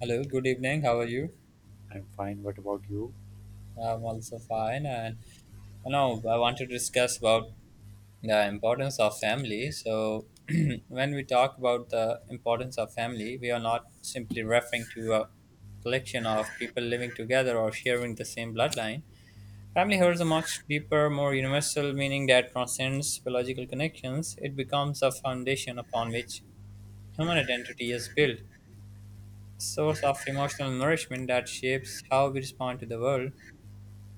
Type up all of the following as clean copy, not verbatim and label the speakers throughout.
Speaker 1: Hello, good evening. How are you?
Speaker 2: I'm fine. What about you?
Speaker 1: I'm also fine, and I want to discuss about the importance of family. So, when we talk about the importance of family, we are not simply referring to a collection of people living together or sharing the same bloodline. Family holds a much deeper, more universal meaning that transcends biological connections. It becomes a foundation upon which human identity is built, a source of emotional nourishment that shapes how we respond to the world.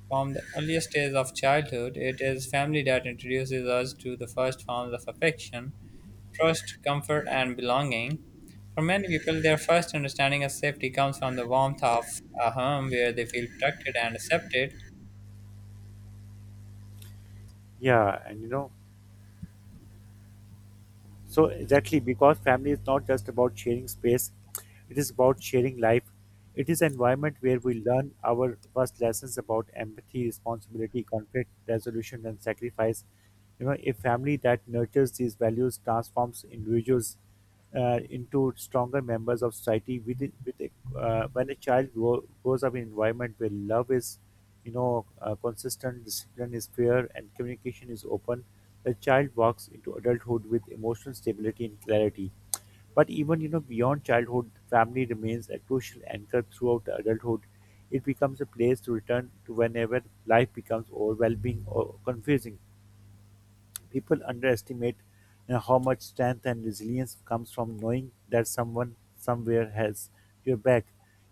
Speaker 1: From the earliest days of childhood, it is family that introduces us to the first forms of affection, trust, comfort, and belonging. For many people, their first understanding of safety comes from the warmth of a home where they feel protected and accepted.
Speaker 2: Yeah, and so exactly because family is not just about sharing space, it is about sharing life. It is an environment where we learn our first lessons about empathy, responsibility, conflict resolution, and sacrifice. A family that nurtures these values transforms individuals into stronger members of society. When a grows up in an environment where love is consistent, discipline is fair, and communication is open, the child walks into adulthood with emotional stability and clarity. But even beyond childhood, family remains a crucial anchor throughout the adulthood. It becomes a place to return to whenever life becomes overwhelming or confusing. People underestimate how much strength and resilience comes from knowing that someone somewhere has your back.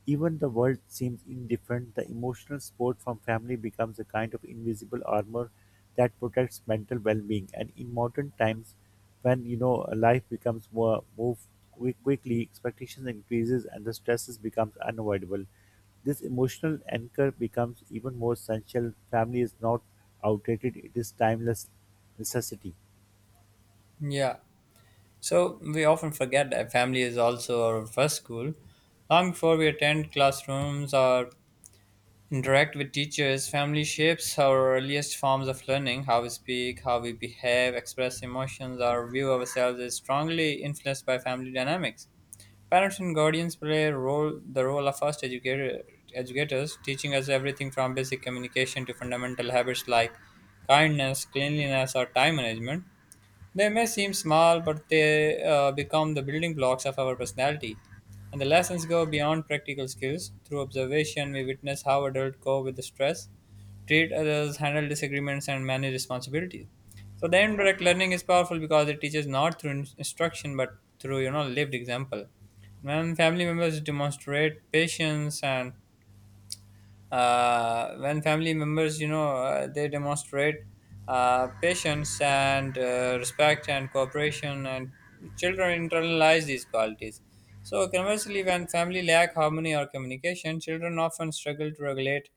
Speaker 2: Even the world seems indifferent, the emotional support from family becomes a kind of invisible armor that protects mental well-being. And in modern times, when life becomes more quickly, expectations increases and the stresses becomes unavoidable. This emotional anchor becomes even more essential. Family is not outdated, it is timeless necessity.
Speaker 1: Yeah. So we often forget that family is also our first school. Long before we attend classrooms or interact with teachers, family shapes our earliest forms of learning. How we speak, how we behave, express emotions, our view of ourselves is strongly influenced by family dynamics. Parents and guardians play a role the role of first educators, teaching us everything from basic communication to fundamental habits like kindness, cleanliness, or time management. They may seem small, but they become the building blocks of our personality. And the lessons go beyond practical skills. Through observation, we witness how adults cope with the stress, treat others, handle disagreements, and manage responsibilities. So the indirect learning is powerful because it teaches not through instruction but through lived example. When family members demonstrate patience and when family members, they demonstrate patience and respect and cooperation, and children internalize these qualities. So conversely, when family lack harmony or communication, children often struggle to regulate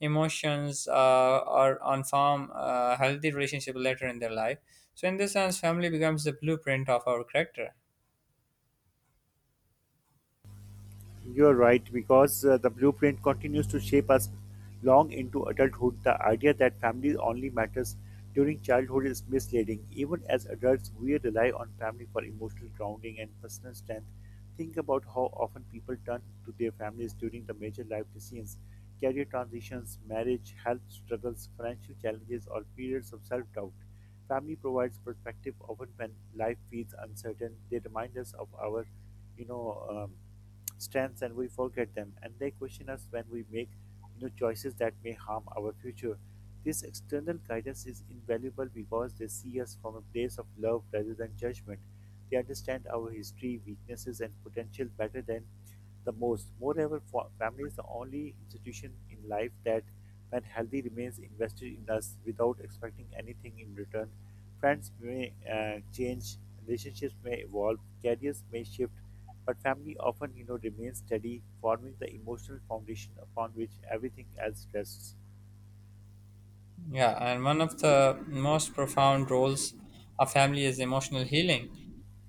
Speaker 1: emotions, or on form healthy relationship later in their life. So in this sense, family becomes the blueprint of our character.
Speaker 2: You're right, because the blueprint continues to shape us long into adulthood. The idea that family only matters during childhood is misleading. Even as adults, we rely on family for emotional grounding and personal strength. Think about how often people turn to their families during the major life decisions, career transitions, marriage, health struggles, financial challenges, or periods of self doubt. Family provides perspective often when life feels uncertain. They remind us of our, you know, um, strengths and we forget them, and they question us when we make you choices that may harm our future. This external guidance is invaluable because they see us from a place of love rather than judgment. They understand our history, weaknesses, and potential better than the most. Moreover, family is the only institution in life that, when healthy, remains invested in us without expecting anything in return. Friends may change, relationships may evolve, careers may shift, but family often, remains steady, forming the emotional foundation upon which everything else rests.
Speaker 1: Yeah, and one of the most profound roles of family is emotional healing.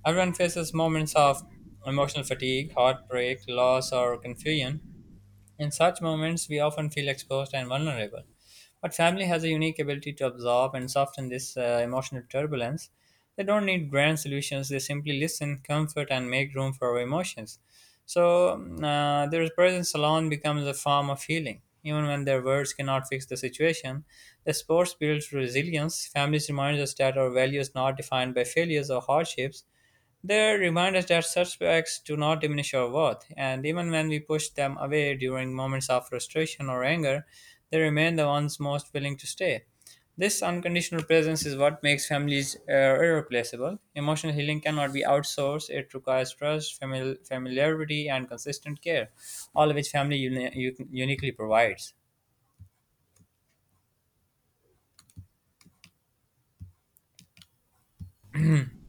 Speaker 1: Everyone faces moments of emotional fatigue, heartbreak, loss, or confusion. In such moments, we often feel exposed and vulnerable. But family has a unique ability to absorb and soften this emotional turbulence. They don't need grand solutions, they simply listen, comfort, and make room for our emotions. So, their presence alone becomes a form of healing. Even when their words cannot fix the situation, the sports builds resilience. Families remind us that our value is not defined by failures or hardships, they remind us that setbacks do not diminish our worth, and even when we push them away during moments of frustration or anger, they remain the ones most willing to stay. This unconditional presence is what makes families irreplaceable. Emotional healing cannot be outsourced, it requires trust, familiarity, and consistent care, all of which family uniquely provides.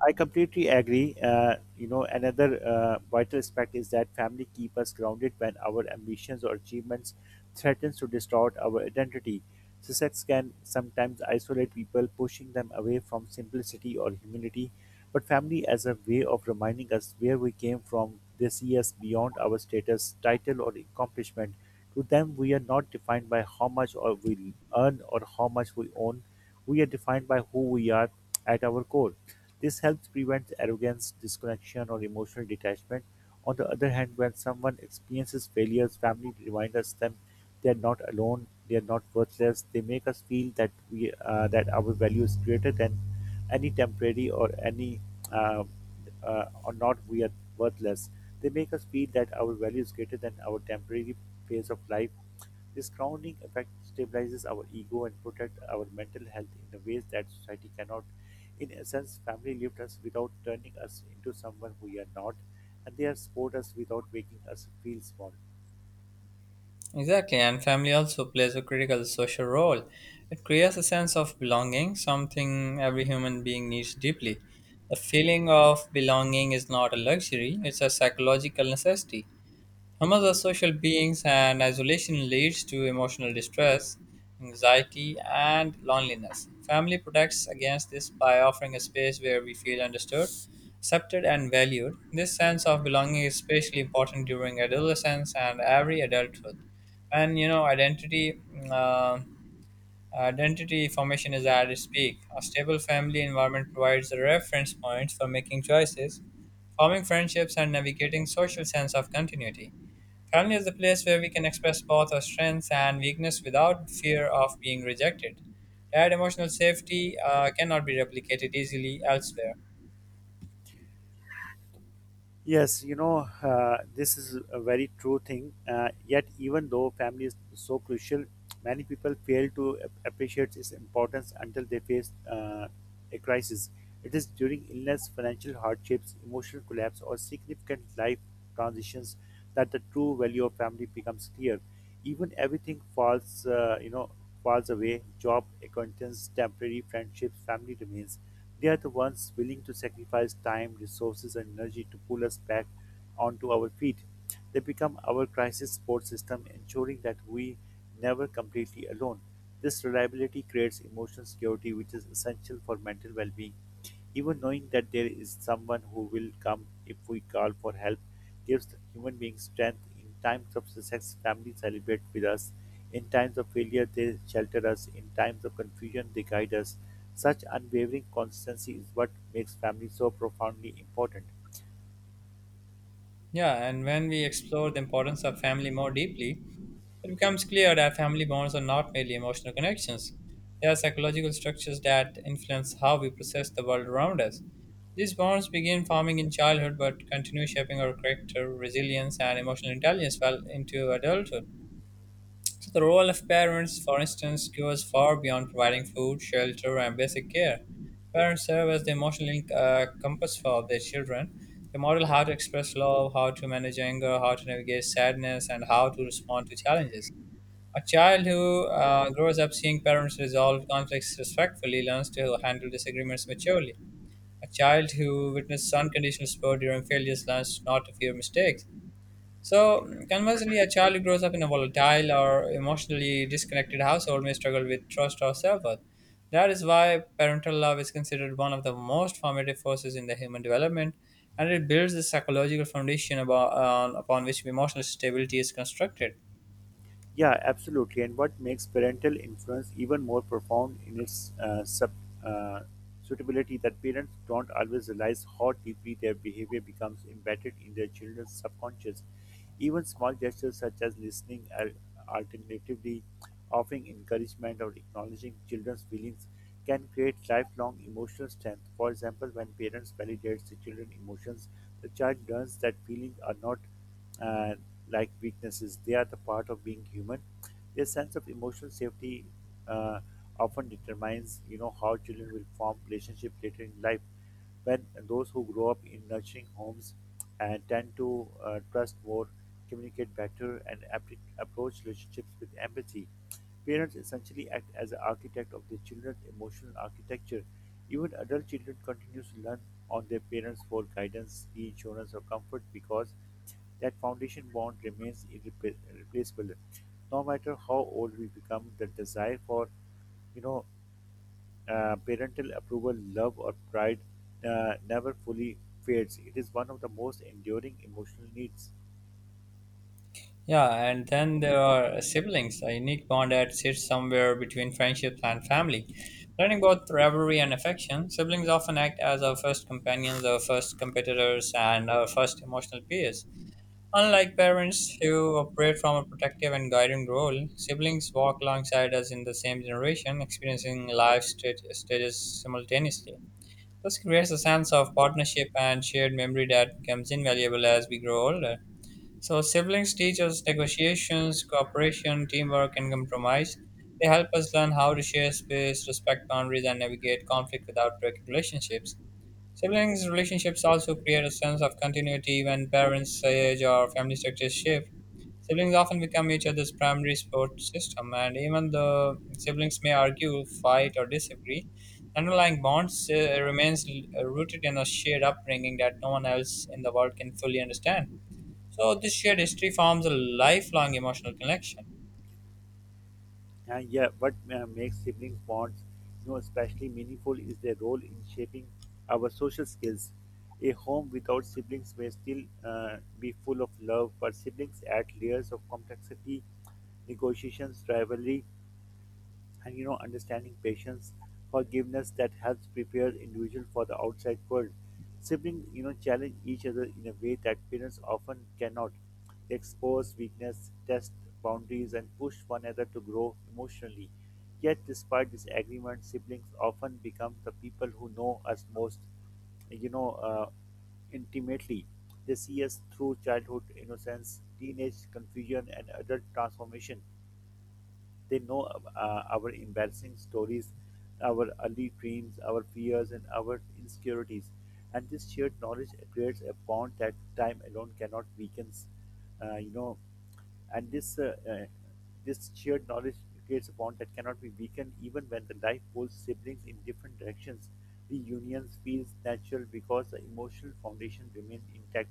Speaker 2: I completely agree. Another vital aspect is that family keep us grounded when our ambitions or achievements threatens to distort our identity. Success can sometimes isolate people, pushing them away from simplicity or humility. But family, as a way of reminding us where we came from, they see us beyond our status, title, or accomplishment. To them, we are not defined by how much or we earn or how much we own. We are defined by who we are at our core. This helps prevent arrogance, disconnection, or emotional detachment. On the other hand, when someone experiences failures, family reminds us them they are not alone, they are not worthless. They make us feel that we that our value is greater than any temporary or any uh, or not we are worthless. They make us feel that our value is greater than our temporary phase of life. This crowning effect stabilizes our ego and protects our mental health in the ways that society cannot. In essence, family lived us without turning us into someone who we are not, and they have supported us without making us feel small.
Speaker 1: Exactly, and family also plays a critical social role. It creates a sense of belonging, something every human being needs deeply. The feeling of belonging is not a luxury, it's a psychological necessity. Humans are social beings, and isolation leads to emotional distress, anxiety, and loneliness. Family protects against this by offering a space where we feel understood, accepted, and valued. This sense of belonging is especially important during adolescence and every adulthood. And identity. Uh, Identity formation is at its peak. A stable family environment provides a reference point for making choices, forming friendships, and navigating social sense of continuity. Family is the place where we can express both our strengths and weakness without fear of being rejected. That emotional safety cannot be replicated easily elsewhere.
Speaker 2: Yes, this is a very true thing. Yet, even though family is so crucial, many people fail to appreciate its importance until they face a crisis. It is during illness, financial hardships, emotional collapse, or significant life transitions that the true value of family becomes clear. Even everything falls you know falls away, job acquaintance, temporary friendships, family remains. They are the ones willing to sacrifice time, resources and energy to pull us back onto our feet. They become our crisis support system, ensuring that we never completely alone. This reliability creates emotional security, which is essential for mental well-being. Even knowing that there is someone who will come if we call for help gives the human beings strength. In times of success, family celebrate with us. In times of failure, they shelter us. In times of confusion, they guide us. Such unwavering constancy is what makes family so profoundly important.
Speaker 1: Yeah, and when we explore the importance of family more deeply, it becomes clear that family bonds are not merely emotional connections. They are psychological structures that influence how we process the world around us. These bonds begin forming in childhood but continue shaping our character, resilience, and emotional intelligence well into adulthood. So the role of parents, for instance, goes far beyond providing food, shelter, and basic care. Parents serve as the emotional compass for their children. They model how to express love, how to manage anger, how to navigate sadness, and how to respond to challenges. A child who grows up seeing parents resolve conflicts respectfully learns to handle disagreements maturely. A child who witnesses unconditional support during failures learns not to fear mistakes. So, conversely, a child who grows up in a volatile or emotionally disconnected household may struggle with trust or self worth. That is why parental love is considered one of the most formative forces in the human development, and it builds the psychological foundation about, on upon which emotional stability is constructed.
Speaker 2: Yeah, absolutely. And what makes parental influence even more profound in its uh, suitability that parents don't always realize how deeply their behavior becomes embedded in their children's subconscious. Even small gestures such as listening, alternatively offering encouragement or acknowledging children's feelings can create lifelong emotional strength. For example, when parents validate the children's emotions, the child learns that feelings are not uh, like weaknesses, they are the part of being human. Their sense of emotional safety uh, often determines, how children will form relationships later in life. When those who grow up in nurturing homes and tend to trust more, communicate better, and approach relationships with empathy. Parents essentially act as an architect of their children's emotional architecture. Even adult children continue to lean on their parents for guidance, reassurance, or comfort because that foundation bond remains irreplaceable. No matter how old we become, the desire for you know, parental approval, love, or pride never fully fades. It is one of the most enduring emotional needs.
Speaker 1: Yeah, and then there are siblings, a unique bond that sits somewhere between friendship and family. Learning both rivalry and affection, siblings often act as our first companions, our first competitors, and our first emotional peers. Unlike parents who operate from a protective and guiding role, siblings walk alongside us in the same generation, experiencing life stages simultaneously. This creates a sense of partnership and shared memory that becomes invaluable as we grow older. So, siblings teach us negotiations, cooperation, teamwork, and compromise. They help us learn how to share space, respect boundaries, and navigate conflict without breaking relationships. Siblings' relationships also create a sense of continuity when parents' age or family structures shift. Siblings often become each other's primary support system, and even the siblings may argue, fight, or disagree. Underlying bonds remains rooted in a shared upbringing that no one else in the world can fully understand. So this shared history forms a lifelong emotional connection.
Speaker 2: And yeah, what makes sibling bonds, especially meaningful is their role in shaping our social skills. A home without siblings may still be full of love, but siblings add layers of complexity, negotiations, rivalry, and understanding, patience, forgiveness that helps prepare individual for the outside world. Siblings challenge each other in a way that parents often cannot. They expose weakness, test boundaries, and push one another to grow emotionally. Yet despite disagreement, siblings often become the people who know us most, you know uh, intimately. They see us through childhood innocence, teenage confusion, and adult transformation. They know our embarrassing stories, our early dreams, our fears, and our insecurities. And this shared knowledge creates a bond that time alone cannot weaken. You know, and this This shared knowledge creates a bond that cannot be weakened even when the life pulls siblings in different directions. Reunions feels natural because the emotional foundation remains intact.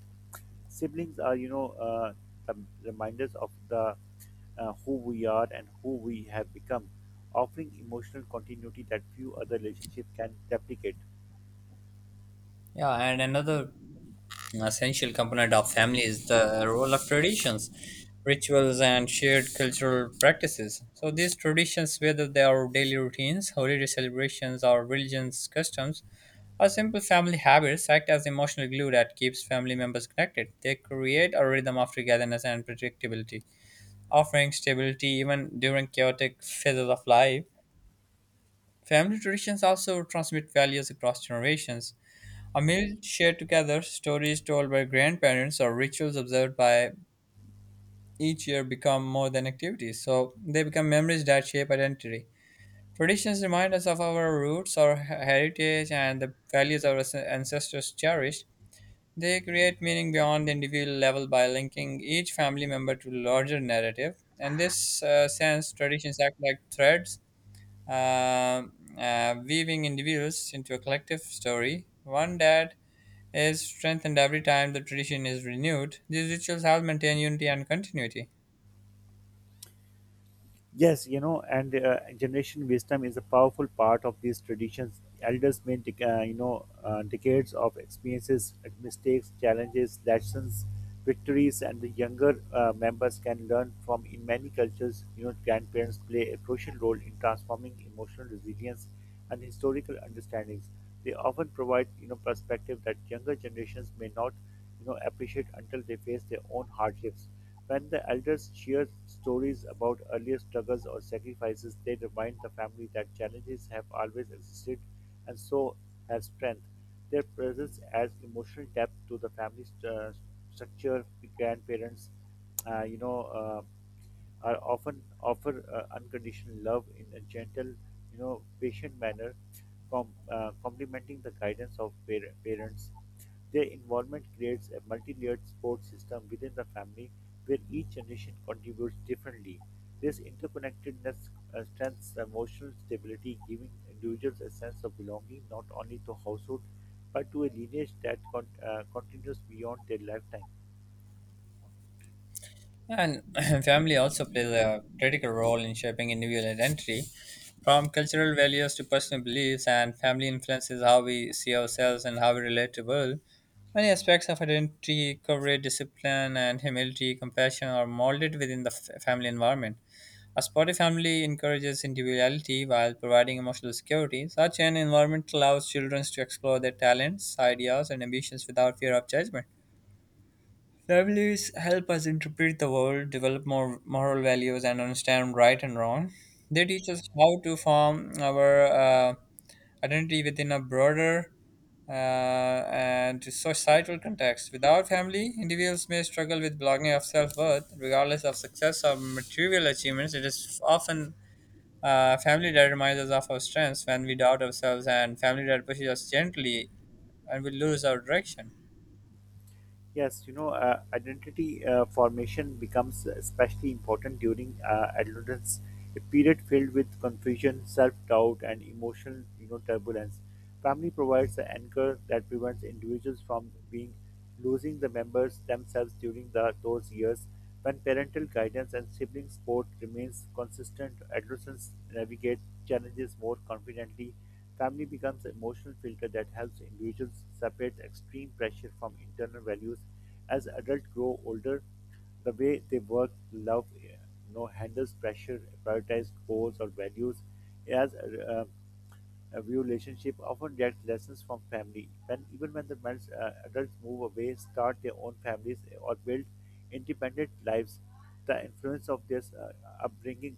Speaker 2: Siblings are, the reminders of the who we are and who we have become, offering emotional continuity that few other relationships can replicate.
Speaker 1: Yeah, and another An essential component of family is the role of traditions, rituals, and shared cultural practices. So, these traditions, whether they are daily routines, holiday celebrations, or religious customs, or simple family habits, act as emotional glue that keeps family members connected. They create a rhythm of togetherness and predictability, offering stability even during chaotic phases of life. Family traditions also transmit values across generations. A meal shared together, stories told by grandparents, or rituals observed by each year become more than activities. So they become memories that shape identity. Traditions remind us of our roots, our heritage, and the values our ancestors cherished. They create meaning beyond the individual level by linking each family member to larger narrative. In this sense, traditions act like threads, um, weaving individuals into a collective story, one that is strengthened every time the tradition is renewed. These rituals help maintain unity and continuity.
Speaker 2: Yes, you know, and generation wisdom is a powerful part of these traditions. Elders may decades of experiences, mistakes, challenges, lessons, victories, and the younger members can learn from. In many cultures, grandparents play a crucial role in transforming emotional resilience and historical understandings. They often provide, perspective that younger generations may not appreciate until they face their own hardships. When the elders share stories about earlier struggles or sacrifices, they remind the family that challenges have always existed and so have strength. Their presence adds emotional depth to the family structure. Grandparents, uh, you know. Uh, are often offer unconditional love in a gentle, patient manner, complementing the guidance of parents. Their involvement creates a multi-layered support system within the family where each generation contributes differently. This interconnectedness strengthens emotional stability, giving individuals a sense of belonging not only to household but to a lineage that continues beyond their lifetime.
Speaker 1: And family also plays a critical role in shaping individual identity. From cultural values to personal beliefs, and family influences how we see ourselves and how we relate to the world. Many aspects of identity, courage, discipline, and humility, compassion are molded within the family environment. A supportive family encourages individuality while providing emotional security. Such an environment allows children to explore their talents, ideas, and ambitions without fear of judgment. Families help us interpret the world, develop more moral values, and understand right and wrong. They teach us how to form our identity within a broader and societal context. Without family, individuals may struggle with belonging of self worth, regardless of success or material achievements. It is often family dad reminds us of our strengths when we doubt ourselves, and family dad pushes us gently and we lose our direction.
Speaker 2: Yes, identity formation becomes especially important during adolescence, a period filled with confusion, self-doubt, and emotional, turbulence. Family provides an anchor that prevents individuals from being losing the members themselves during the, those years. When parental guidance and sibling support remains consistent, adolescents navigate challenges more confidently. Family becomes an emotional filter that helps individuals separate extreme pressure from internal values. As adults grow older, the way they work, love, handles pressure, prioritize goals or values. As A view relationship often gets lessons from family. When even when the adults move away, start their own families, or build independent lives, the influence of their upbringing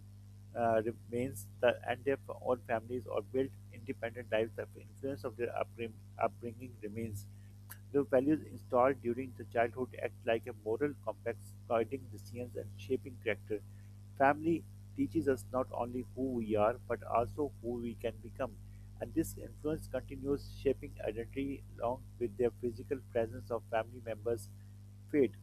Speaker 2: remains. The and their own families or built independent lives, the influence of their upbringing remains. The values installed during the childhood act like a moral compass guiding decisions and shaping character. Family teaches us not only who we are but also who we can become, and this influence continues shaping identity along with their physical presence of family members fade.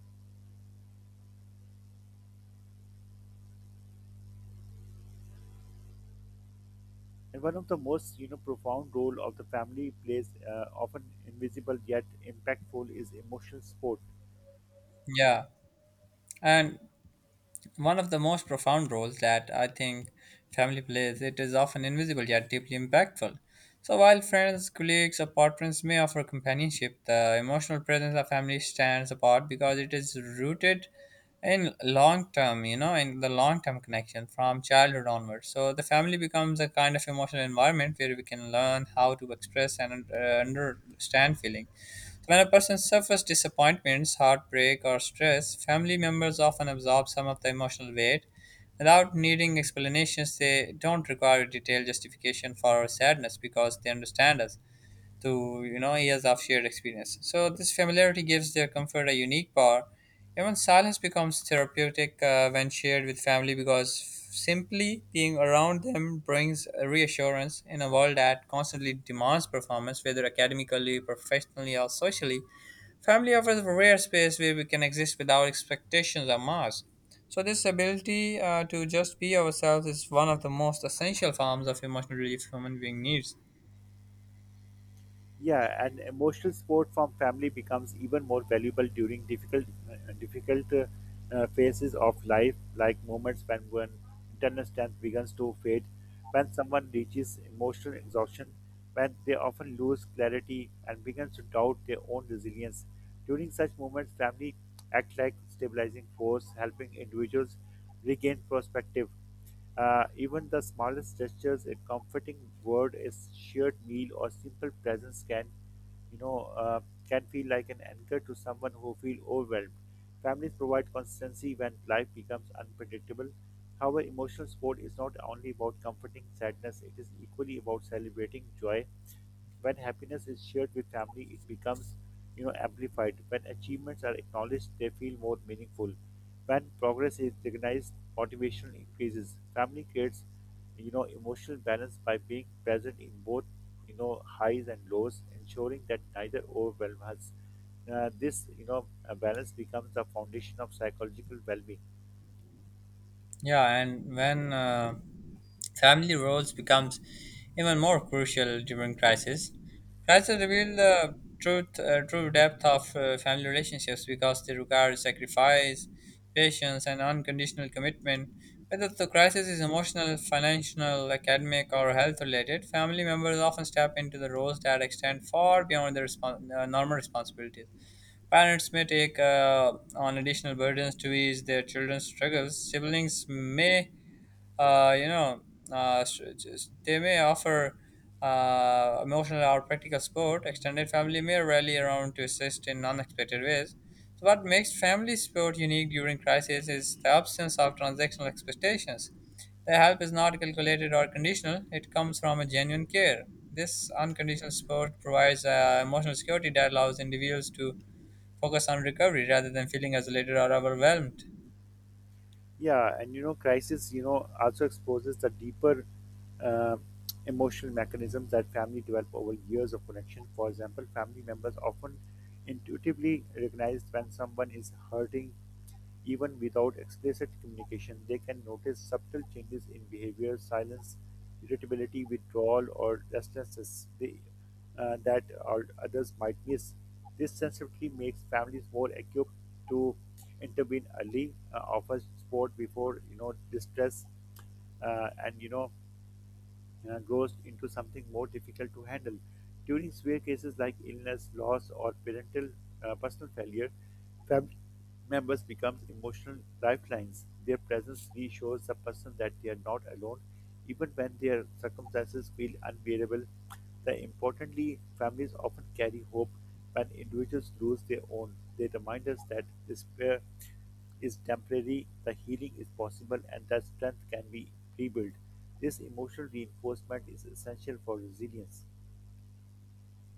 Speaker 2: And one of the most profound role of the family plays, often invisible yet impactful, is emotional support.
Speaker 1: Yeah, and one of the most profound roles that I think family plays, it is often invisible yet deeply impactful. So while friends, colleagues, or partners may offer companionship, the emotional presence of family stands apart because it is rooted in the long term connection from childhood onwards. So the family becomes a kind of emotional environment where we can learn how to express and understand feeling when a person suffers disappointments, heartbreak, or stress, family members often absorb some of the emotional weight. Without needing explanations, they don't require a detailed justification for our sadness because they understand us through years of shared experience. So this familiarity gives their comfort a unique power. Even silence becomes therapeutic when shared with family, because simply being around them brings a reassurance in a world that constantly demands performance, whether academically, professionally, or socially. Family offers a rare space where we can exist without expectations or masks. So, this ability to just be ourselves is one of the most essential forms of emotional relief human being needs.
Speaker 2: Yeah, and emotional support from family becomes even more valuable during difficult, difficult phases of life, like moments when internal strength begins to fade, when someone reaches emotional exhaustion, when they often lose clarity and begins to doubt their own resilience. During such moments, family act like stabilizing force, helping individuals regain perspective. Even the smallest gestures, a comforting word, a shared meal, or simple presence you know, uh, can feel like an anchor to someone who feels overwhelmed. Families provide consistency when life becomes unpredictable. However, emotional support is not only about comforting sadness; it is equally about celebrating joy when happiness is shared with family, it becomes amplified. When achievements are acknowledged, they feel more meaningful. When progress is recognized, motivation increases. Family creates emotional balance by being present in both highs and lows, ensuring that neither overwhelms us. This balance becomes the foundation of psychological well-being.
Speaker 1: Yeah, and when family roles becomes even more crucial during crisis. Crisis reveal the true depth of family relationships because they require sacrifice, patience, and unconditional commitment. Whether the crisis is emotional, financial, academic, or health related, family members often step into the roles that extend far beyond their normal responsibilities. Parents may take on additional burdens to ease their children's struggles. Siblings may uh, you know, they may offer emotional or practical support. Extended family may rally around to assist in unexpected ways. So, what makes family support unique during crisis is the absence of transactional expectations. The help is not calculated or conditional, it comes from a genuine care. This unconditional support provides emotional security that allows individuals to focus on recovery rather than feeling isolated or overwhelmed.
Speaker 2: Yeah, and crisis also exposes the deeper uh, emotional mechanisms that family develop over years of connection. For example, family members often intuitively recognize when someone is hurting, even without explicit communication. They can notice subtle changes in behavior, silence, irritability, withdrawal, or restlessness. They that all others might miss. This sensitivity makes families more equipped to intervene early, offer support before distress, and you know grows into something more difficult to handle. During severe cases like illness, loss, or parental personal failure, fam- members become emotional lifelines. Their presence reassures the person that they are not alone, even when their circumstances feel unbearable. The importantly, families often carry hope when individuals lose their own. They remind us that despair is temporary, the healing is possible, and that strength can be rebuilt. This emotional reinforcement is essential for resilience.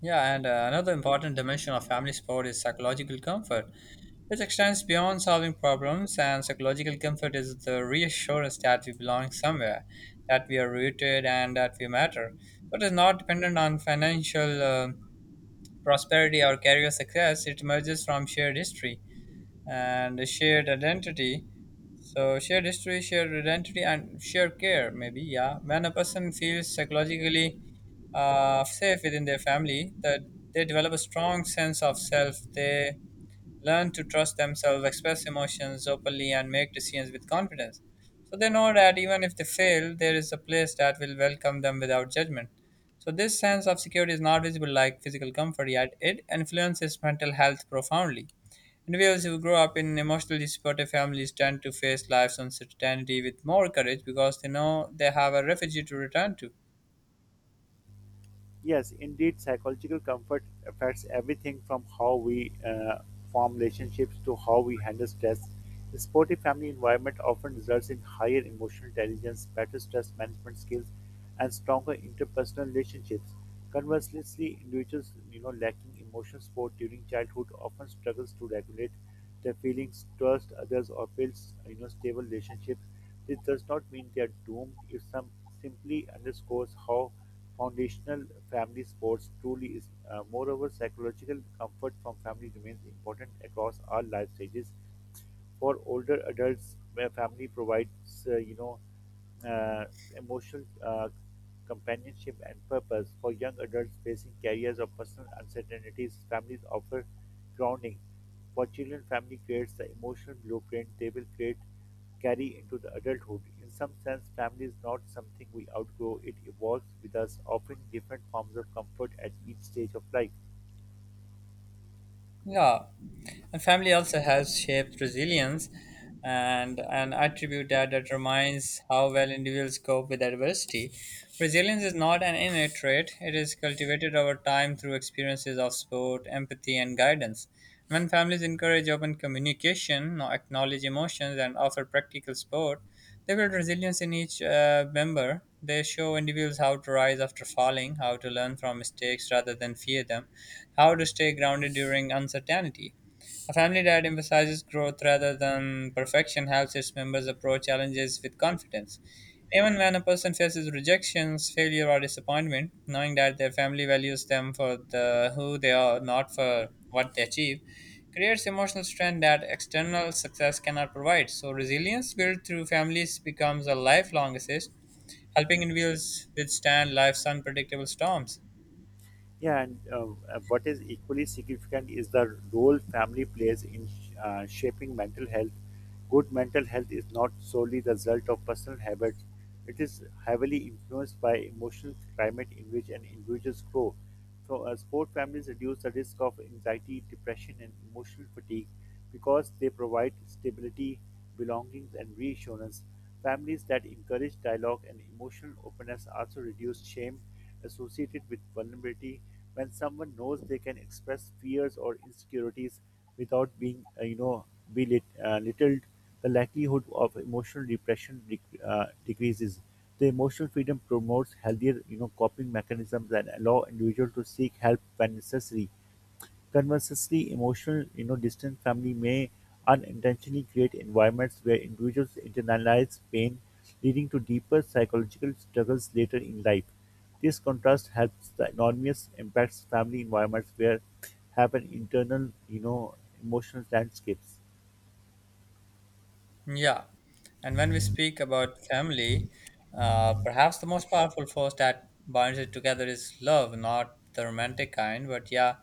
Speaker 1: Yeah, and another important dimension of family support is psychological comfort, which extends beyond solving problems. And psychological comfort is the reassurance that we belong somewhere, that we are rooted, and that we matter. So it is not dependent on financial prosperity or career success, it emerges from shared history and a shared identity. So shared history, shared identity, and shared care. Maybe yeah. When a person feels psychologically safe within their family, that they develop a strong sense of self. They learn to trust themselves, express emotions openly, and make decisions with confidence. So they know that even if they fail, there is a place that will welcome them without judgment. So this sense of security is not visible like physical comfort, yet it influences mental health profoundly. Individuals who grow up in emotionally supportive families tend to face life's uncertainty with more courage because they know they have a refugee to return to.
Speaker 2: Yes, indeed, psychological comfort affects everything from how we form relationships to how we handle stress. A supportive family environment often results in higher emotional intelligence, better stress management skills, and stronger interpersonal relationships. Conversely, individuals lacking emotional support during childhood often struggles to regulate their feelings, trust others, or build stable relationships. This does not mean they are doomed. It some simply underscores how foundational family sports truly is. Moreover, psychological comfort from family remains important across all life stages. For older adults, where family provides, uh, you know, uh, emotional uh, companionship and purpose. For young adults facing careers or personal uncertainties, families offer grounding. For children, family creates the emotional blueprint. They will create carry into the adulthood. In some sense, family is not something we outgrow, it evolves with us, offering different forms of comfort at each stage of life.
Speaker 1: Yeah, and family also has shaped resilience and an attribute that determines how well individuals cope with adversity. Resilience is not an innate trait, it is cultivated over time through experiences of support, empathy, and guidance. When families encourage open communication, no, acknowledge emotions, and offer practical support, they build resilience in each member. They show individuals how to rise after falling, how to learn from mistakes rather than fear them, how to stay grounded during uncertainty. A family that emphasizes growth rather than perfection helps its members approach challenges with confidence. Even when a person faces rejections, failure, or disappointment, knowing that their family values them for the, who they are, not for what they achieve, creates emotional strength that external success cannot provide. So, resilience built through families becomes a lifelong assist, helping individuals withstand life's unpredictable storms.
Speaker 2: Yeah, and What is equally significant is the role family plays in shaping mental health. Good mental health is not solely the result of personal habits, it is heavily influenced by emotional climate in which an individuals grow. Sport families reduce the risk of anxiety, depression, and emotional fatigue because they provide stability, belonging, and reassurance. Families that encourage dialogue and emotional openness also reduce shame associated with vulnerability when someone knows they can express fears or insecurities without being belittled, the likelihood of emotional depression decreases the emotional freedom promotes healthier coping mechanisms and allow individuals to seek help when necessary. Conversely, emotional distant family may unintentionally create environments where individuals internalize pain, leading to deeper psychological struggles later in life. This contrast helps the enormous impacts family environments where have an internal emotional landscapes.
Speaker 1: Yeah, and when we speak about family, perhaps the most powerful force that binds it together is love, not the romantic kind, but yeah,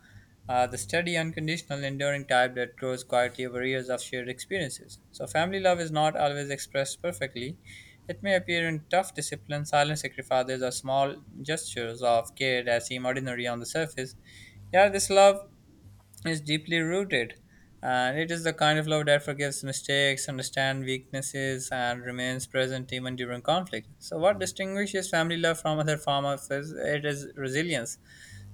Speaker 1: the steady, unconditional, enduring type that grows quietly over years of shared experiences. So, family love is not always expressed perfectly. It may appear in tough discipline, silent sacrifices, or small gestures of care that seem ordinary on the surface. Yeah, this love is deeply rooted. And it is the kind of love that forgives mistakes, understands weaknesses, and remains present even during conflict. So, what distinguishes family love from other forms of is it is resilience.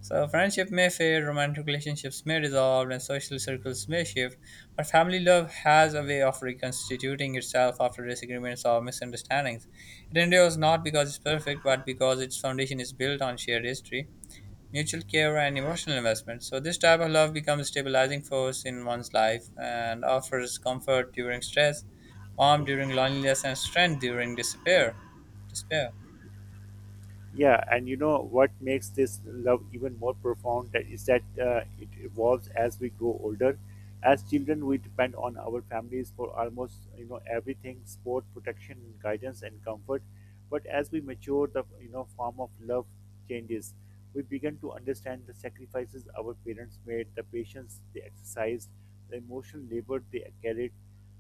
Speaker 1: So, friendship may fade, romantic relationships may dissolve, and social circles may shift, but family love has a way of reconstituting itself after disagreements or misunderstandings. It endures not because it's perfect, but because its foundation is built on shared history mutual care and emotional investment. So this type of love becomes a stabilizing force in one's life and offers comfort during stress, warmth during loneliness, and strength during despair. Despair.
Speaker 2: Yeah, and you know what makes this love even more profound that is that it evolves as we grow older. As children, we depend on our families for almost everything: support, protection, guidance, and comfort. But as we mature, the form of love changes. We begin to understand the sacrifices our parents made, the patience they exercised, the emotional labor they carried.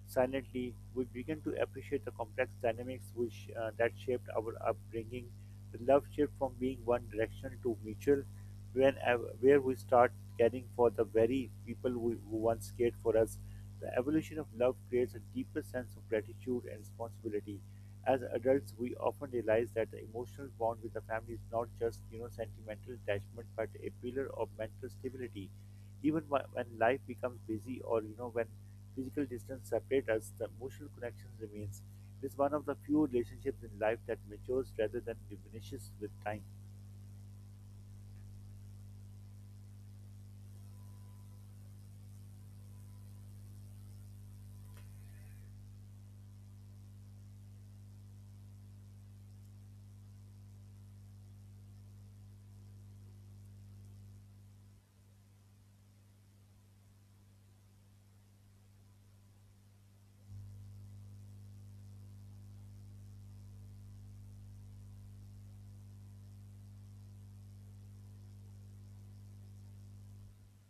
Speaker 2: Silently, we begin to appreciate the complex dynamics which that shaped our upbringing the love shift from being one directional to mutual, when where we start caring for the very people who once cared for us. The evolution of love creates a deeper sense of gratitude and responsibility. As adults, we often realize that the emotional bond with the family is not just sentimental attachment, but a pillar of mental stability. Even when life becomes busy, or when physical distance separates us, the emotional connection remains. It is one of the few relationships in life that matures rather than diminishes with time.